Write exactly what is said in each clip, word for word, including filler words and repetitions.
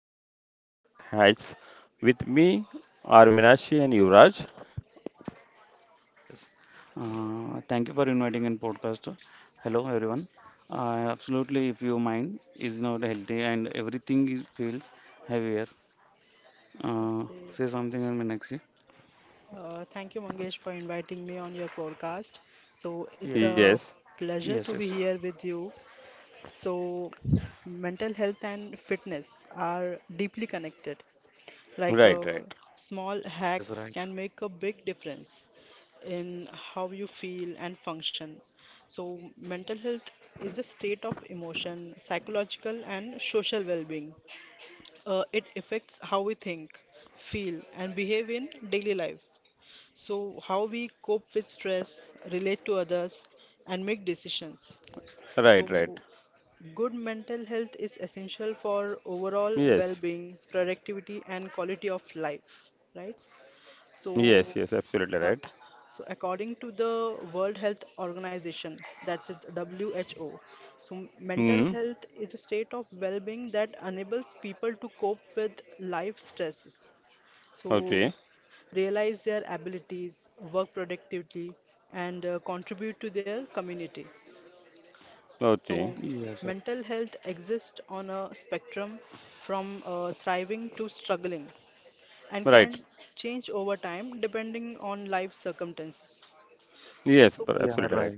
and fitness hacks. With me are Minashi and Yuvraj. Yes. Uh, thank you for inviting in podcast. Hello, everyone. I absolutely, if you mind is not healthy and everything is feels heavier, uh, Okay. say something and next. Uh, thank you, Mangesh, for inviting me on your podcast. So Yeah. it's Yes, a Yes. pleasure to Yes. be here with you. So mental health and fitness are deeply connected. Like right, uh, right, small Yes. hacks Right. can make a big difference in how you feel and function. So mental health is a state of emotion, psychological and social well-being. Uh, it affects how we think, feel, and behave in daily life. So, how we cope with stress, relate to others, and make decisions. right, right. So, good mental health is essential for overall well Yes, being, productivity, and quality of life, right? So, yes, yes, absolutely uh, right. so according to the World Health Organization, that's it, W H O, so mental Hmm, health is a state of well being that enables people to cope with life stresses so okay, realize their abilities, work productively, and uh, contribute to their community. So, okay, Yes. Right. mental health exists on a spectrum from uh, thriving to struggling and can right. change over time depending on life circumstances. Yes, but Yeah. So, absolutely Right. right.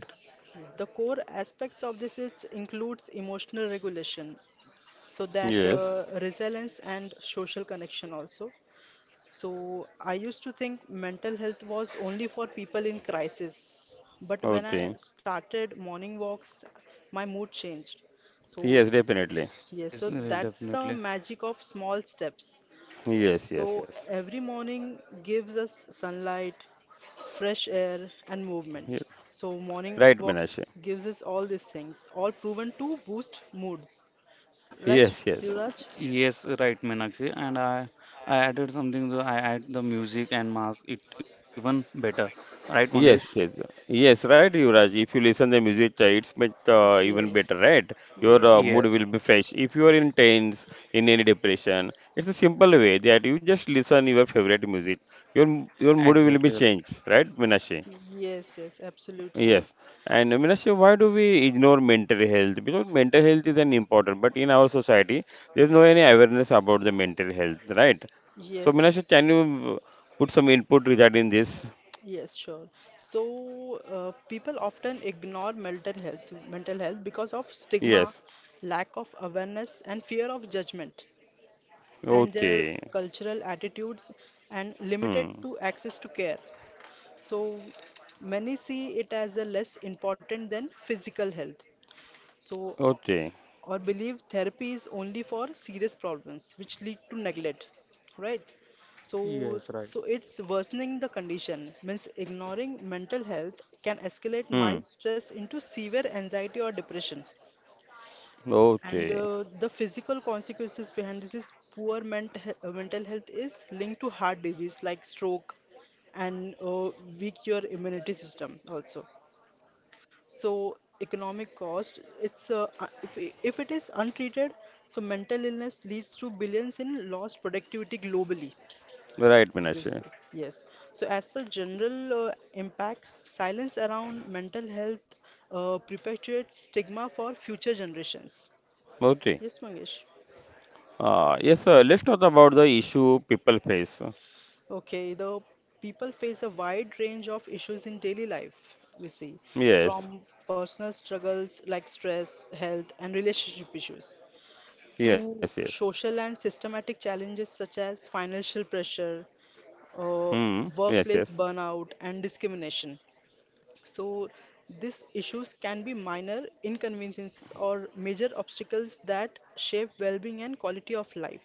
the core aspects of this is, includes emotional regulation, so that Yes, uh, resilience and social connection also. So I used to think mental health was only for people in crisis. But when I okay. started morning walks, my mood changed. So, Yes, definitely. yes, Yes. so uh, that's the Definitely. magic of small steps. Yes, So yes, yes. every morning gives us sunlight, fresh air, and movement. Ye- So morning Right, walks Minashi. gives us all these things, all proven to boost moods. Right, Yes, yes. Yuvraj? Yes. Right, Meenakshi. And I, I added something. So I add the music and mask. It even better. Right, Mangesh? Yes, yes, yes, right, Yuvraj. If you listen the music, uh, it's much uh, even Yes. better, right? Your Yes, uh, Yes. mood will be fresh. If you are in tense, in any depression, it's a simple way that you just listen your favorite music. Your m- your mood will Exactly. be Right. changed, right, Minashi? yes, yes, absolutely. Yes. And uh, Minashi, why do we ignore mental health? Because mental health is an important, but in our society, there's no any awareness about the mental health, right? So, Yes, Minashi, yes, can you uh, put some input regarding this? yes, sure. So, uh, people often ignore mental health, mental health because of stigma, Yes. lack of awareness, and fear of judgment, and their Okay. cultural attitudes and limited Hmm. to access to care. So, many see it as a less important than physical health. So, Okay. or believe therapy is only for serious problems which lead to neglect, right? So, Yes. Right. so it's worsening the condition means ignoring mental health can escalate Hmm. mild stress into severe anxiety or depression. And Okay. uh, the physical consequences behind this is poor ment- he- uh, mental health is linked to heart disease like stroke and uh, weak your immunity system also. So economic cost, it's uh, uh, if, I- if it is untreated, so mental illness leads to billions in lost productivity globally. Right, You say Minashi. yes. So as per general uh, impact, silence around mental health uh, perpetuates stigma for future generations. Okay. Yes, Mangesh. Uh, yes, sir. Let's talk about the issue people face. Okay, the people face a wide range of issues in daily life, we see, Yes. from personal struggles like stress, health, and relationship issues Yes, to yes. social and systematic challenges such as financial pressure, uh, Hmm. Yes, workplace yes. burnout, and discrimination. So, these issues can be minor inconveniences or major obstacles that shape well being and quality of life.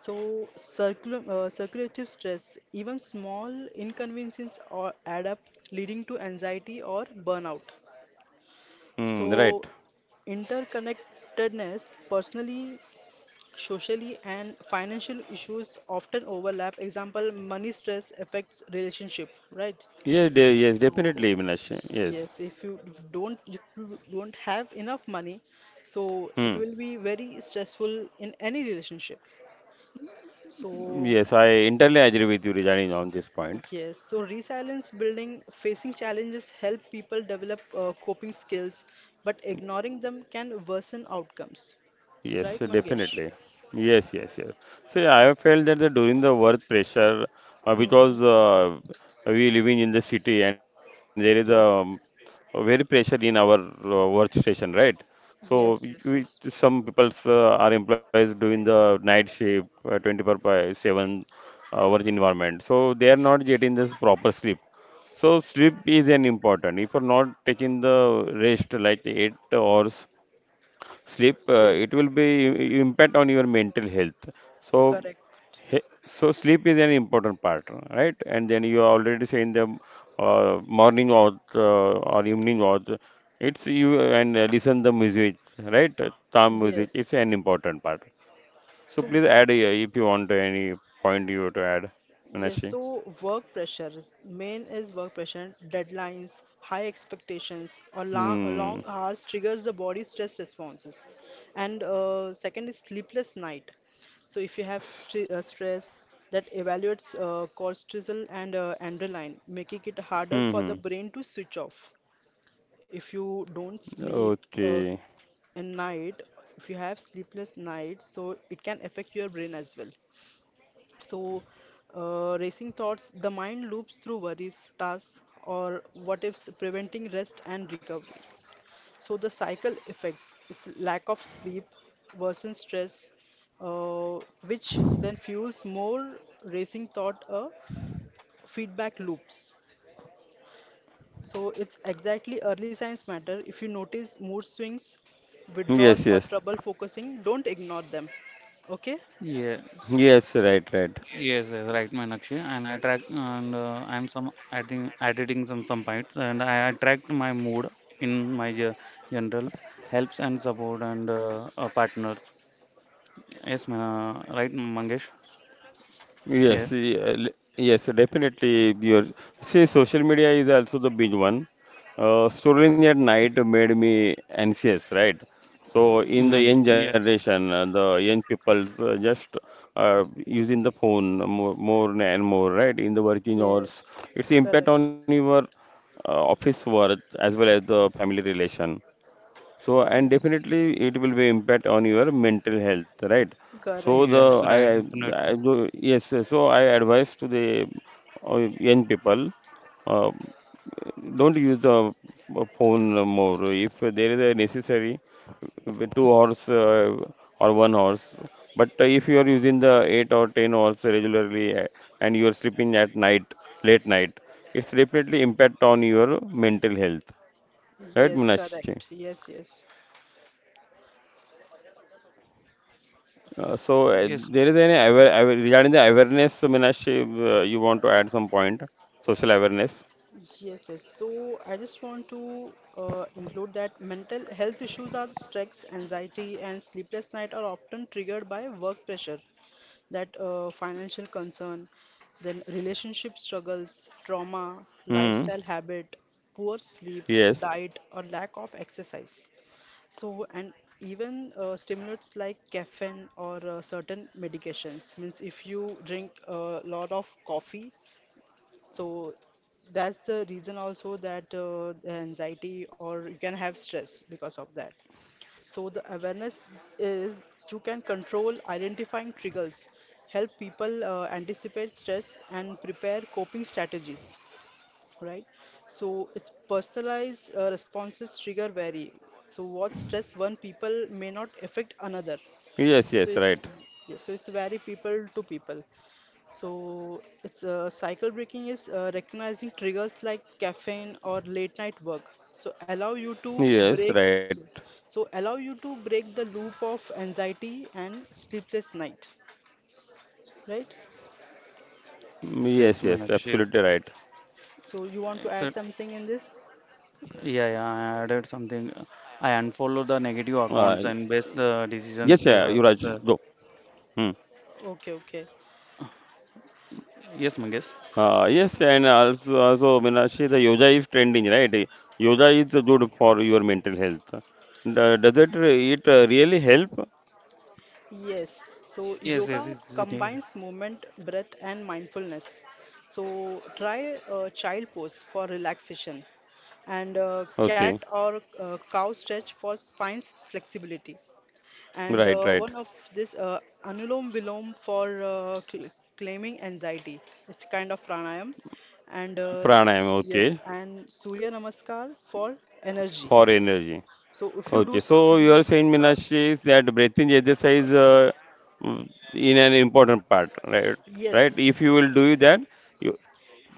So, circul- uh, circulative stress, even small inconveniences or add up, leading to anxiety or burnout. Hmm. Right. So, interconnectedness personally, socially and financial issues often overlap. Example, money stress affects relationship, right? Yes, de yes, So, definitely, Yes, Minashi. Yes. yes, if you don't if you don't have enough money, so it Hmm. will be very stressful in any relationship. So, Yes, I entirely agree with you regarding on this point. yes, so resilience building, facing challenges help people develop uh, coping skills, but ignoring them can worsen outcomes, Yes, right, Mangesh? definitely. Yes, yes, yes. See, I have felt that the, during the work pressure, uh, Hmm. because uh, we living in the city and there is a, um, Yes, a very pressure in our uh, workstation, right? So we, yes, we- yes, yes, some people's uh, are employees doing the night shift, uh, twenty four by seven uh, work environment. So they are not getting this proper sleep. So sleep is an important. If you're not taking the rest like eight hours sleep, uh, it yes. will be i- impact on your mental health. so Correct. he- so sleep is an important part, right? And then you already say in the uh, morning or uh, or evening or the- it's you and uh, listen the music, right? Calm music, it's Yes. an important part. So So, please add uh, if you want any point you to add, yes, Manashi. so work pressure, is- main is work pressure, deadlines, high expectations, or long, long Hmm, hours triggers the body stress responses. And uh, second is sleepless night. So if you have stre uh, stress that evaluates uh, cortisol and uh, adrenaline, making it harder hmm, for the hmm. brain to switch off. If you don't sleep Okay. uh, at night, if you have sleepless night, so it can affect your brain as well. So, uh, racing thoughts, the mind loops through worries, tasks, or what ifs, preventing rest and recovery. So, the cycle effects is lack of sleep worsens stress, uh, which then fuels more racing thought uh, feedback loops. So, it's exactly early signs matter. If you notice mood swings, withdrawal, Yes, or yes, trouble focusing, don't ignore them. Okay? yeah, yes. Right, right. yes, yes, right, Meenakshi. And I track, and uh, I'm some adding, editing some some points, and I attract my mood in my ge- generals, helps and support and uh, uh, partners. Yes, Meena, right, Mangesh. Yes, Yes. y- uh, l- yes, definitely. Your see, social media is also the big one. Uh, scrolling at night made me anxious, right? Mm, So in mm. the hmm young Yes. generation, uh, the young people uh, just uh, using the phone more, more and more, right? In the working hours, Yes, its impact on correct. your uh, office work as well as the family relation. So, and definitely it will be impact on your mental health, right? So Correct, Yes, the I, correct. right, I, definitely. I do, yes, yes. So I advise to the uh, young people, uh, don't use the uh, phone more. If there is a necessary, with two hours uh, or one hours. But uh, if you are using the eight or ten hours regularly uh, and you are sleeping at night, late night, it's definitely impact on your mental health, right, Yes, Munashi? correct. Yes, yes. Uh, so uh, Yes, there is any aware, aware regarding the awareness, Meenakshi, uh, you want to add some point? Social awareness. Yes, yes. So I just want to uh, include that mental health issues are stress, anxiety, and sleepless night are often triggered by work pressure, that uh, financial concern, then relationship struggles, trauma, Hmm. lifestyle habit, poor sleep, Yes. diet, or lack of exercise. So, and even uh, stimulants like caffeine or uh, certain medications. Means if you drink a lot of coffee, so that's the reason also that uh, the anxiety or you can have stress because of that. So the awareness is you can control identifying triggers, help people uh, anticipate stress and prepare coping strategies, right? So it's personalized uh, responses trigger vary. So what stress one people may not affect another. Yes. So Yes. it's Right. yeah, so it's vary people to people. So it's uh, cycle breaking is uh, recognizing triggers like caffeine or late night work. So allow you to Yes. Right. break. So allow you to break the loop of anxiety and sleepless night, right? Mm, yes. yes, Yes. yes, Absolutely Meenakshi. right. So you want to add Except, something in this? yeah, yeah, I added something. I Uh, unfollow the negative accounts yes. and base Uh, the Yuvraj. Go. decisions ever. The, Hmm. Okay, okay. yes, Uh, Mangesh. yes. And also, also Meenakshi, the yoga is trending, right? Eh, Yoga is good for your mental health. Do- Does it re- it uh, really help? Yes, so Yes, yes, yoga yes, yes, combines movement, breath, and mindfulness. So try a child pose for relaxation and uh, Okay. cat or uh, cow stretch for spine flexibility. And Right. uh, one Right. of this uh, anulom vilom for uh, cl- claiming anxiety. It's kind of pranayam. And uh, s- Pranayama. yes, Okay. and Surya Namaskar for energy. For energy. So if you Okay, do so you are Surya saying, Namaskar, Meenakshi, is that breathing exercise uh, mm, in an important part, right? Right? yes. If you will do that, you,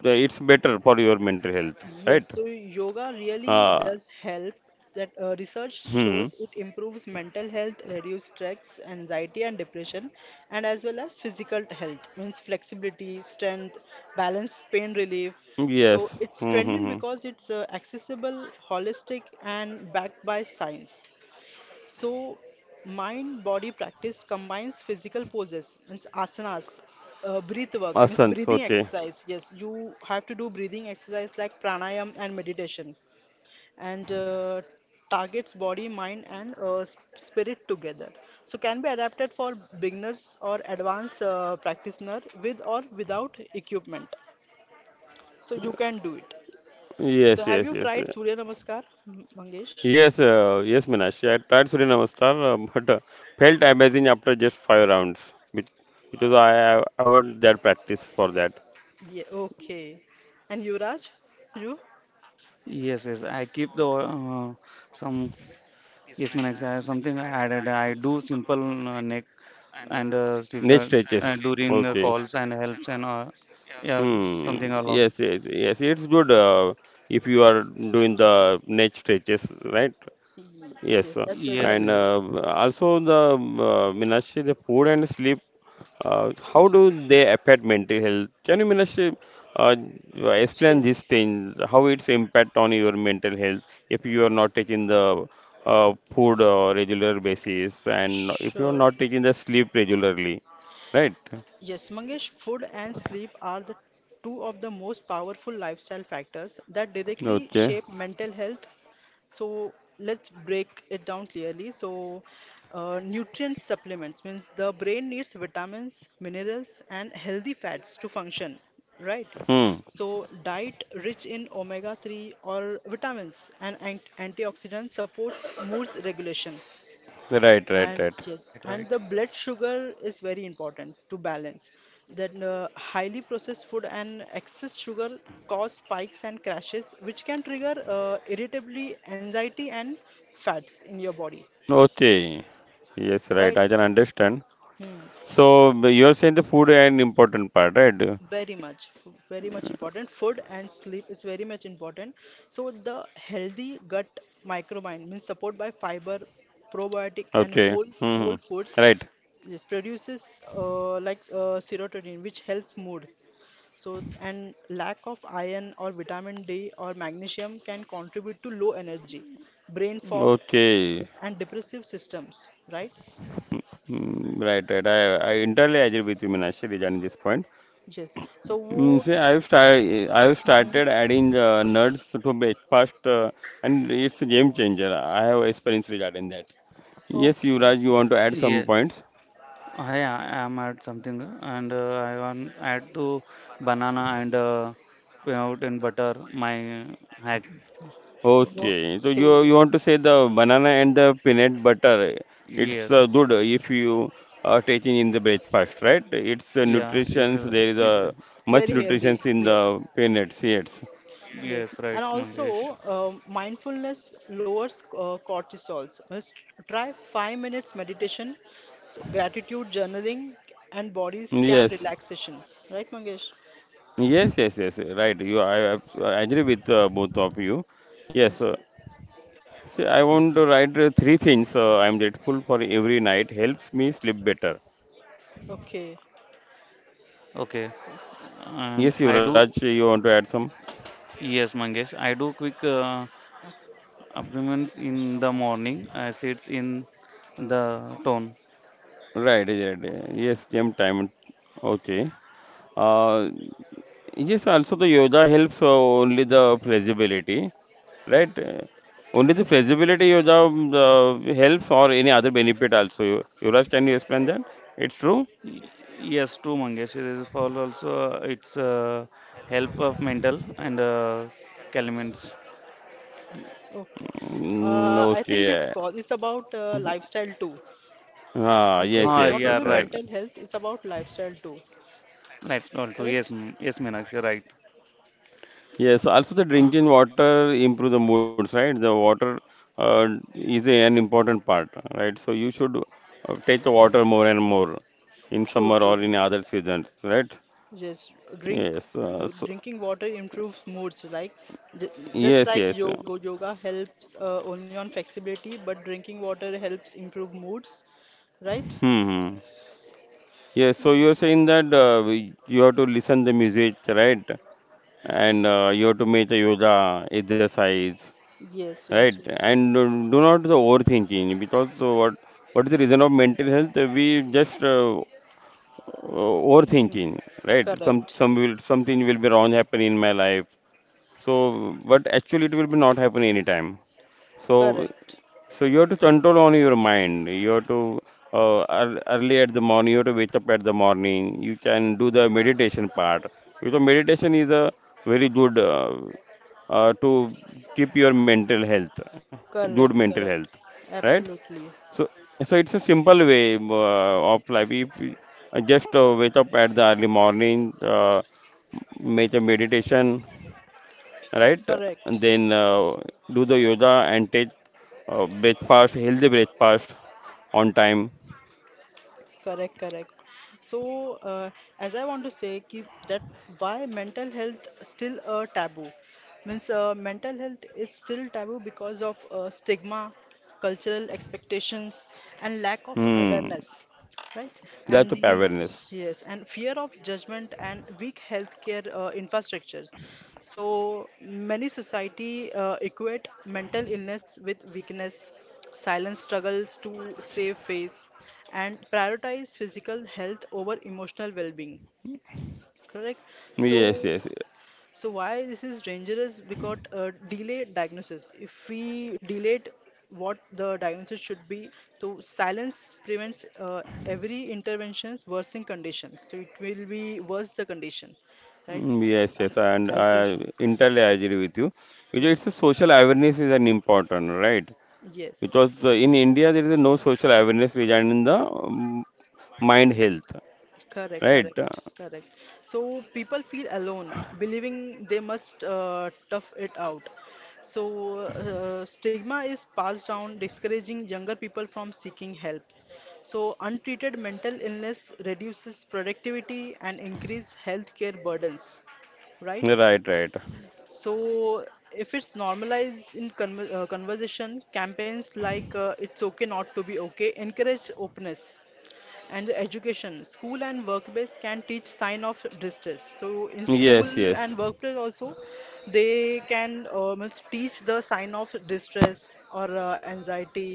the- it's better for your mental health, right? Yes, so yoga really Uh, does help. That uh, research hmm. shows it improves mental health, reduces stress, anxiety, and depression, and as well as physical health, means flexibility, strength, balance, pain relief. So Yes. it's Hmm. Hmm, trending hmm. because it's uh, accessible, holistic, and backed by science. So, mind body practice combines physical poses, means asanas, uh, breath work, means Asanas. breathing Okay. exercise. Yes, you have to do breathing exercise like pranayam and meditation, and uh, targets body, mind, and uh, s- spirit together. So, can be adapted for beginners or advanced uh, practitioner with or without equipment. So, you can do it. So, Yes. have you Yes. Yes. tried uh, Surya Namaskar, M- Mangesh? Yes. Uh, yes, Meenakshi. I tried Surya Namaskar, uh, but uh, felt amazing after just five rounds, be- because I have I have that practice for that. Yeah, okay. And Yuvraj, you? yes, yes. I keep the uh, some yes, man. I something I added. I do simple uh, neck and uh, Neck stickers uh, stretches. during the Okay. calls and helps and uh, yeah, Hmm. something along. Yes, yes, yes. It's good uh, if you are doing the neck stretches, right? Ye- Yes. Yes, uh, that's very Yes, And helpful. uh, yes, also the um, uh, Meenakshi, the food and sleep, uh, how do they affect mental health? Can you Meenakshi, uh, explain these Yes, things, how its impact on your mental health if you are not taking the uh, food uh, regular basis and if you are sure. not taking the sleep regularly, right? Yes, Mangesh, food and sleep are the two of the most powerful lifestyle factors that directly Okay. shape mental health. So let's break it down clearly. So, uh, nutrient supplements means the brain needs vitamins, minerals, and healthy fats to function, right? Hmm. So, diet rich in omega three or vitamins and ant- antioxidants supports mood regulation. Right, right, And right. yes. yes, Right, right. and the blood sugar is very important to balance. That uh, highly processed food and excess sugar cause spikes and crashes, which can trigger uh, irritability, anxiety, and fats in your body. Okay. Yes, right. Right? I can understand. Hmm. So b- you're saying the food an important part, right? very much f- very much important food and sleep is very much important. So the healthy gut microbiome means support by fiber probiotic and Okay. whole Hmm. whole foods, Right. yes, produces uh, like uh, serotonin which helps mood. So and lack of iron or vitamin D or magnesium can contribute to low energy brain fog, Okay. yes, and depressive systems, right? Mm, right, right. I, I entirely agree with you, Minashi, regarding this point. Yes. so Mm, wo- see, I've started I've mhm. started adding uh, nuts to breakfast, uh, and it's a game changer. I have experience regarding that. Yes, Okay, Yuvraj, you want to add some Yes. points? I I am at something and uh, I want add to banana and uh, peanut and butter. My hack. Okay, so you you okay. want to say the banana and the peanut butter. It's uh, Yes. good if you are taking in the breakfast, right? It's uh, Yeah. Is, nutritions. There is is, a It's much very healthy. nutritions in the Yes. peanuts. Yes, Yes. yes. Right, And also, Mangesh. um, mindfulness lowers uh, cortisols. Must try five minutes meditation, so gratitude journaling, and body scan yes, relaxation. Right, Mangesh? yes, yes, yes. Right. You, I, I agree with uh, both of you. Yes. Yes. Uh, see, I Mm, want to write uh, three things. Uh, I'm grateful for every night. Helps me sleep better. Okay. okay. Yes. And Yes, I do, Yuvraj, you want to add some? yes, Mangesh, I do quick uh, supplements in the morning as it's in the tone. Right. Right. Yes, same time. Okay. Uh, yes, also the yoga helps uh, only the flexibility, right? Uh, Only the flexibility Yes. yoga um, uh, helps or any other benefit also. You- Yuvraj, can you explain that? It's true? Y- Yes, true, Mangesh. It is for also uh, it's uh, help of mental and uh, elements. Okay. Mm, Uh, I think it's okay. for- it's about uh, lifestyle too. Ah, Okay, yes, Ah, not yes, yeah, only yes, right. right. mental health, it's about lifestyle too. Lifestyle too. Yes, Correct? m- yes, Meenakshi, right. Yes, also the drinking water improve the moods, right? The water uh, is an important part, right? So you should uh, take the water more and more in summer True, or true. in other seasons, right? Yes, drink Yes, uh, so drinking water improves moods. Like j- just yes, like yes. uh, yoga, yoga helps uh, only on flexibility, but drinking water helps improve moods, right? Hmm. Yes, so you're saying that uh, we- you have to listen the music, right? And uh, you have to make the yoga exercise, Yes, yes, right? yes, yes. And uh, do not the overthinking because uh, what what is the reason of mental health? Uh, We just uh, uh, Mhm. overthinking, right? Some Correct, some will something will be wrong happen in my life. So, but actually it will be not happen anytime. So correct, So you have to control on your mind. You have to uh, ear- early at the morning. You have to wake up at the morning. You can do the meditation part because meditation is a very good uh, uh, to keep your mental health, good correct, mental correct. health, right? Absolutely So so it's a simple way uh, of life. If you uh, just uh, wake up at the early morning, uh, make a meditation, right? correct. And then uh, do the yoga and take uh, breakfast, healthy breakfast on time. Correct, correct. So, uh, as I want to say, keep that why mental health still a taboo. Means uh, mental health is still taboo because of uh, stigma, cultural expectations, and lack of Hmm. awareness, right? That's And the the awareness. yes, and fear of judgment and weak healthcare uh, infrastructure. So many society uh, equate mental illness with weakness, silent struggles to save face, and prioritize physical health over emotional well-being. Correct? So, Yes, yes. so why this is dangerous? Because uh, delay diagnosis. If we delayed what the diagnosis should be, so silence prevents uh, every intervention worsening condition. So it will be worse the condition, right? Mm, yes, And yes. And I isolation. entirely agree with you. Because Yes. it's a social awareness is an important, right? Yes, Because uh, in India there is no social awareness regarding the um, mind health, correct, right? correct, correct. So people feel alone, believing they must uh, tough it out. So uh, stigma is passed down, discouraging younger people from seeking help. So untreated mental illness reduces productivity and increase healthcare burdens, right? Right, right. So if it's normalized in conver uh, conversation, campaigns like uh, "It's okay not to be okay" encourage openness. And the education school and workplace can teach sign of distress. So in school Yes, yes. and workplace also they can uh, means teach the sign of distress or uh, anxiety,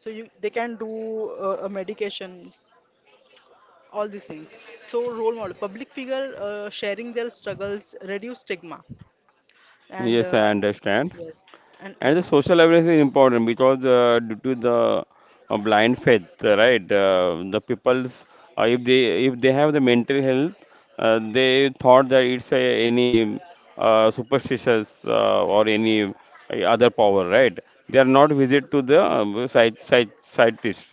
so you, they can do uh, a medication all these things. So role model public figure uh, sharing their struggles reduce stigma and Yes, I uh, understand. yes and And the ex- social awareness is important because uh, due to the uh, blind faith, uh, right? Uh, the people's uh, if they if they have the mental health, uh, they thought that it's a, any uh, superstitious uh, or any uh, other power, right? They are not visit to the um, psych, psych, psychiatrist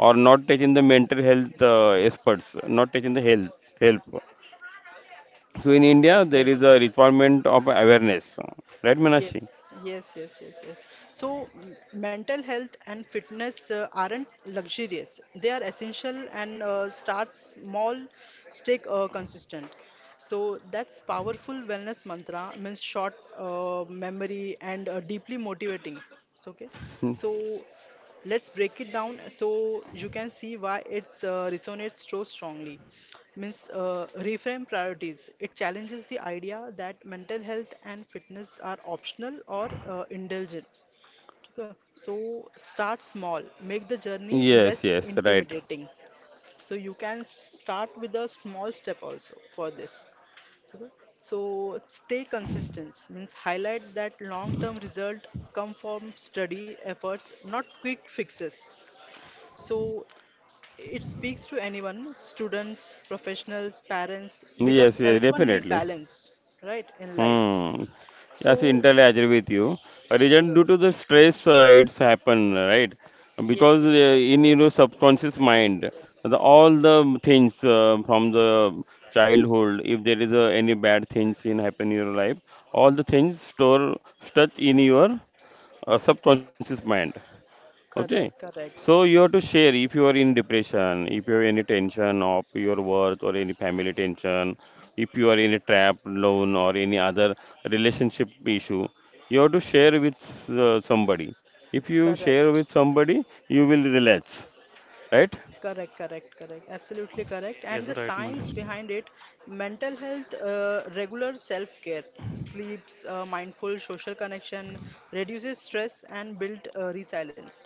or not taking the mental health uh, experts, not taking the health help. So in India, there exactly. is a requirement of awareness, right, Meenakshi? Yes, yes, yes, yes, yes. So, m- mental health and fitness uh, aren't luxurious. They are essential and uh, start small, stay uh, consistent. So that's powerful wellness mantra means short uh, memory and uh, deeply motivating. So, okay. Hmm. So let's break it down so you can see why it's uh, resonates so strongly. Means uh, reframe priorities. It challenges the idea that mental health and fitness are optional or uh, indulgent. Okay. So start small. Make the journey Yes, less yes, right. intimidating. So you can start with a small step also for this. Okay. So stay consistent means highlight that long-term result come from study efforts, not quick fixes. So it speaks to anyone, students, professionals, parents, Yes, because yes, everyone need definitely. balance, right, in life. Hmm. Yes, So entirely agree with you. A reason due to the yes, stress, uh, it's happened, right? yes, Because uh, it's because of in your this. subconscious mind, the, all the things uh, from the childhood, if there is uh, any bad things in happen in your life, all the things store stuck in your uh, subconscious mind. Okay. Correct, correct, So you have to share if you are in depression, if you have any tension of your work or any family tension, if you are in a trap loan or any other relationship issue, you have to share with uh, somebody. If you share correct. with somebody, you will relax, right? Correct, correct, correct. Absolutely correct. And Yes, the right, science Mangesh. behind it, mental health, uh, regular self-care, sleeps, uh, mindful social connection, reduces stress and build uh, resilience,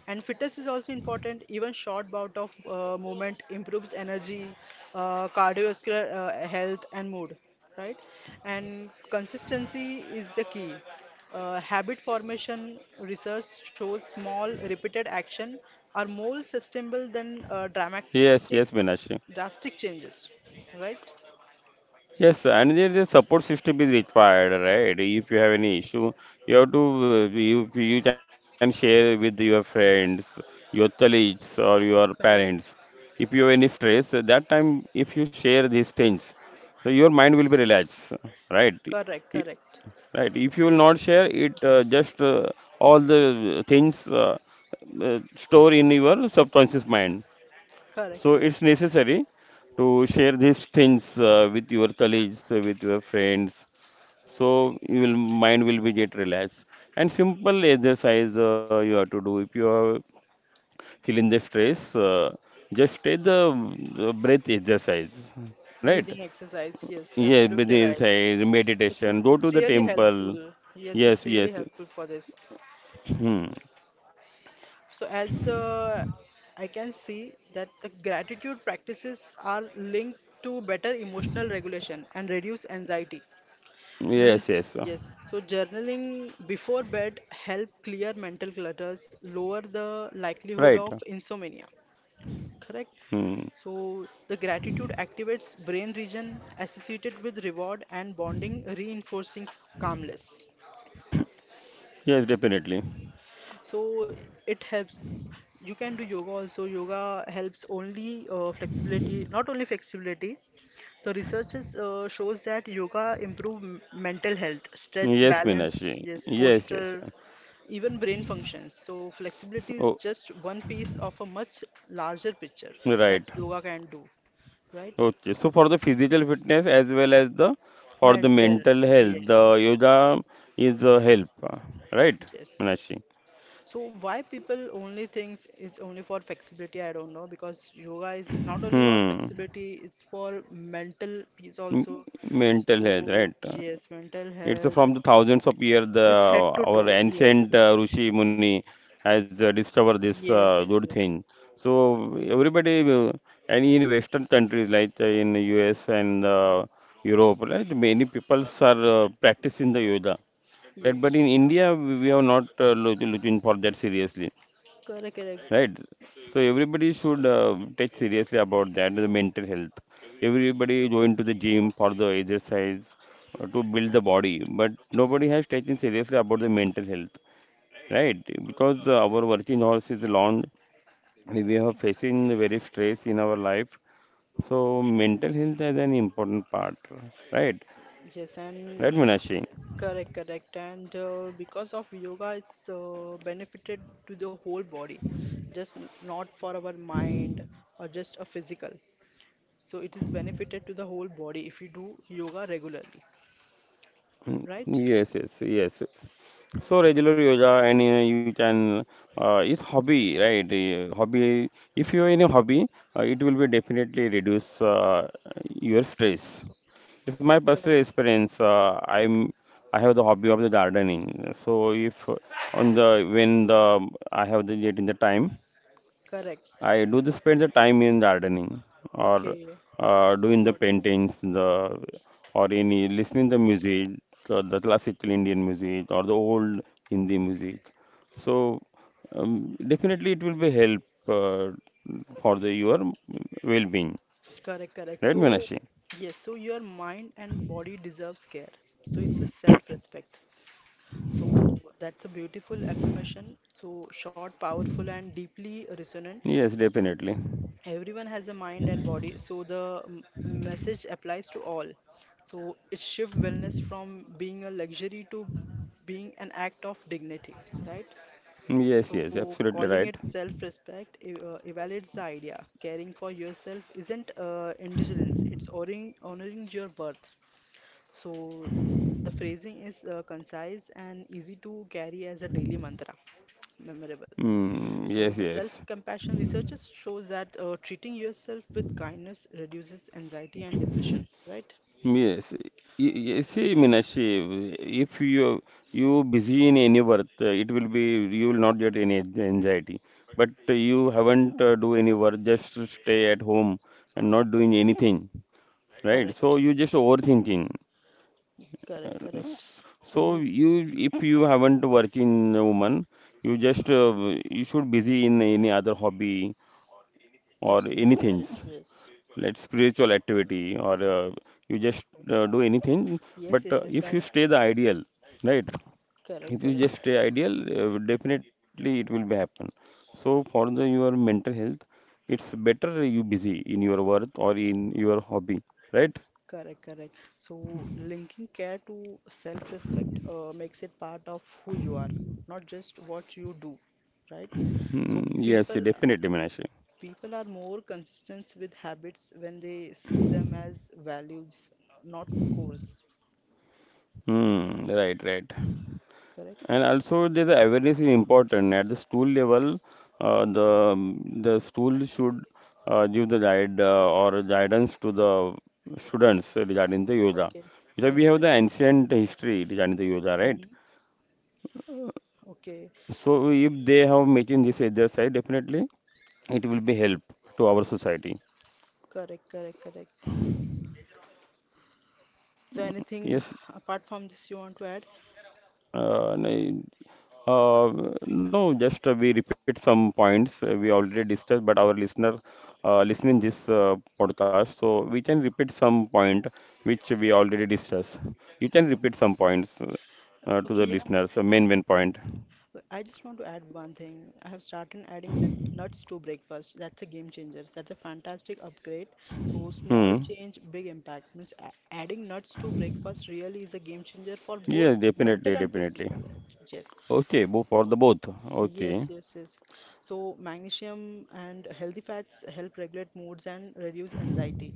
and fitness is also important, even short bout of uh, movement improves energy, uh, cardiovascular uh, health and mood, right. And consistency is the key, uh, habit formation research shows small repeated action are more sustainable than uh, Yes, dramatic yes, Minash. drastic changes, right. Yes, and there the support system is required, right? If you have any issue, you have to uh, you you can share with your friends, your colleagues, or your parents. Correct, If you have any stress, that time if you share these things, so your mind will be relaxed, right? I- correct, correct, Right. If you will not share it, uh, just uh, all the things uh, uh, store in your subconscious mind. correct, So correct. it's necessary to share these things uh, with your colleagues, uh, with your friends. So you will mind will be get relaxed. And simple exercise uh, you have to do if you are feeling the stress, uh, just take the, the breath exercise, right? Breathing exercise, yes, Yes, breath absolutely right. exercise, It's meditation. Go to it's the really helpful. temple. Yes, it's Yes, really yes. helpful for this. Hmm. So as uh, I can see that the gratitude practices are linked to better emotional regulation and reduce anxiety. Yes, Means yes. yes. So journaling before bed help clear mental clutters, lower the Right. likelihood of insomnia. Correct. Hmm. So the gratitude activates brain region associated with reward and bonding, reinforcing calmness. Yes, definitely. So it helps. You can do yoga also. Yoga helps only uh, flexibility, not only flexibility. The research is, uh, shows that yoga improve m- mental health, stress, Yes, balance, Meenakshi. yes, Yes, yes. posture, even brain functions. So flexibility is So. just one piece of a much larger picture that Right. yoga can do, right? Okay. So for the physical fitness as well as the for the Mental, mental health, yes, the yoga is a help, uh, right, yes. Manashi? So why people only thinks it's only for flexibility? I don't know, because yoga is not only for Hmm. flexibility, it's for mental peace M- also. Mental health, right? So yes, mental It's health from the thousands of years the is head to our toe. Yes, ancient it- uh, Rishi Muni has uh, discovered this uh, yes, good yes, yes, thing. So everybody, uh, and in Western countries like uh, in U S and uh, Europe, right? Many peoples are uh, practicing the yoga. Right, but yes. in India, we we are not uh, loo- looking for that seriously, Correct, correct. right? So everybody should uh, take seriously about that, the mental health. Everybody going to the gym for the exercise uh, to build the body, but nobody has taken seriously about the mental health, right? Because uh, our working hours is long, and we are facing very stress in our life. So mental health is an important part, right? Yes, and Right, Meenakshi? correct, correct. And uh, because of yoga, it's uh, benefited to the whole body, just n- not for our mind or just a physical. So it is benefited to the whole body if you do yoga regularly, Mm, right? yes, yes, yes. So regular yoga and uh, you can uh, it's hobby, right? Uh, hobby. If you are in a hobby, uh, it will be definitely reduce uh, your stress. So It's my personal correct, experience. Uh, I'm I have the hobby of the gardening. So if uh, on the when the I have the yet in the time, correct. I do the spend the time in gardening or Okay, uh, it's doing the good. paintings, the or any listening the music, the, the classical Indian music or the old Hindi music. So um, definitely it will be help uh, for the your well-being, Correct, correct. right, So Meenakshi? yes, so your mind and body deserves care, so it's a self-respect. So that's a beautiful affirmation. So short, powerful and deeply resonant. Yes, definitely. Everyone has a mind and body, so the m- message applies to all. So it shifts wellness from being a luxury to being an act of dignity, right? Yes, So yes, absolutely calling right. it self-respect e- uh, evaluates the idea caring for yourself isn't uh, indulgence, it's honoring, honoring your worth. So the phrasing is uh, concise and easy to carry as a daily mantra, memorable. Mm, So yes, the yes. self-compassion researches shows that uh, treating yourself with kindness reduces anxiety and depression, right? Yes, y- y- see, Meenakshi, if you you busy in any work, uh, it will be you will not get any an- anxiety. But uh, you haven't uh, do any work, just to stay at home and not doing anything, right? So Correct. you just overthinking. Correct, Uh, correct. s- So So you, if you haven't working woman, you just uh, you should busy in any other hobby or anything absolutely right, like yes. spiritual activity or uh, you just uh, do anything. But uh, Yes, yes, if you yes. I stay the ideal, right, if Correct, you just correct, stay ideal, uh, definitely it will be happen. So for the your mental health, it's better you busy in your work or in your hobby, right? correct, correct. So linking care to self-respect uh, makes it part of who you are, not just what you do, right? So Hmm, yes, people definitely, Meenakshi. People are more consistent with habits when they see them as values, not course. Hmm, right, right. Correct? And also, there's a awareness is important at the school level. Uh, the the school should uh, give the guide uh, or guidance to the students regarding the yoga. Okay. Because we have Okay. the ancient history regarding the yoga, right? Hmm. Okay. So if they have making this exercise, definitely it will be help to our society. Correct, correct, correct. So anything Yes. apart from this you want to add? Uh, n- uh, no, just uh, we repeat some points uh, we already discussed, but our listener uh, listening this uh, podcast, so we can repeat some point which we already discussed. You can repeat some points uh, uh, to the Okay, yeah. listeners, uh, main main point. I just want to add one thing. I have started adding nut nuts to breakfast. That's a game changer. That's a fantastic upgrade. So small Hmm. change, big impact. Means a- adding nuts to breakfast really is a game changer for both Yes, definitely, mental and definitely. physical health. Yes. Okay, both for the both. Okay, Yes, yes, yes. So magnesium and healthy fats help regulate moods and reduce anxiety.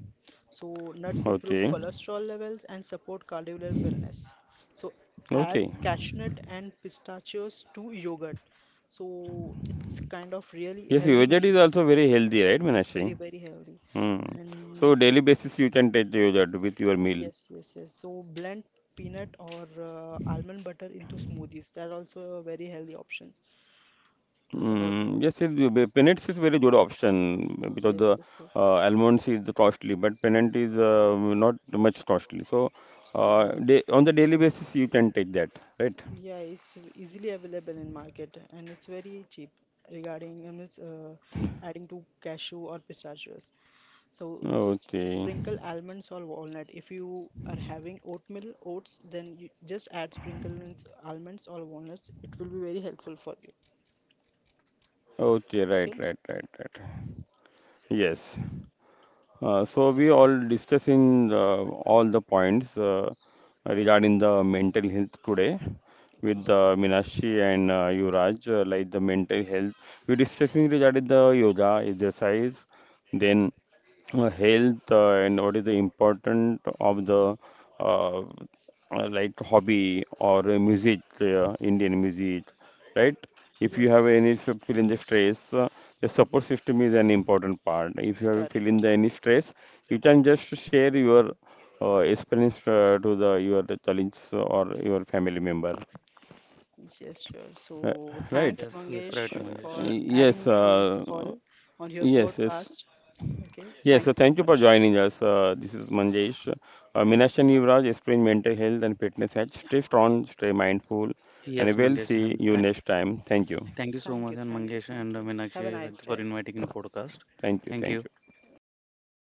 So nuts improve okay, cholesterol levels and support cardiovascular wellness. So add okay. cashew nut and pistachios to yogurt. So it's kind of really Yes, healthy yogurt meal. is also very healthy, right, Very, Meenakshi? very healthy. Hmm. And So daily basis you can take yogurt with your meal. yes, yes, yes. So blend peanut or uh, almond butter into smoothies. That also a very healthy option for Mm, yes, it, moods. the Pennant is very good option because the Yes, yes, yes. uh, almonds is the costly, but Pennant is uh, not much costly. So, uh, Yes. day, on the daily basis, you can take that, right? Yeah, it's easily available in market and it's very cheap regarding um, it's, uh, adding to cashew or pistachios. So, so s- Okay, sprinkle almonds or walnut. If you are having oatmeal oats, then you just add sprinkle means almonds or walnuts. It will be very helpful for you. okay, right, Okay? right, right, right. Yes. Uh, so we all discussing uh, all the points uh, regarding the mental health today with uh, Yes. Meenakshi and uh, Yuvraj, uh, like the mental health. We discussing regarding the yoga exercise, then uh, health uh, and what is the important of the uh, uh, like hobby or uh, music, uh, Indian music, right? If you have Yes. any f- feeling the Yes, stress, uh, the support system is an important part. If you have feeling Correct. the any stress, you can just share your uh, experience uh, to the your colleagues or your family member, Yes, sure. uh, So right? thanks, yes, yes, right, Mangesh, Uh, for Mangesh. adding me yes, on this uh, call on your yes, yes. podcast. Okay, Yes, thank you so so thank you for much. joining us. Uh, this is Manjesh. Uh, Minasha Yuvraj explain mental health and fitness hacks. Stay strong, stay mindful, Yes, and we'll Mangesh, see and you th next time. Thank you. thank you so Thank you, much, and thank you, Mangesh thank and you. uh, Have a Meenakshi, nice thank you day. for inviting in podcast. Thank you. Thank you. Thank you. Yeah, thank you.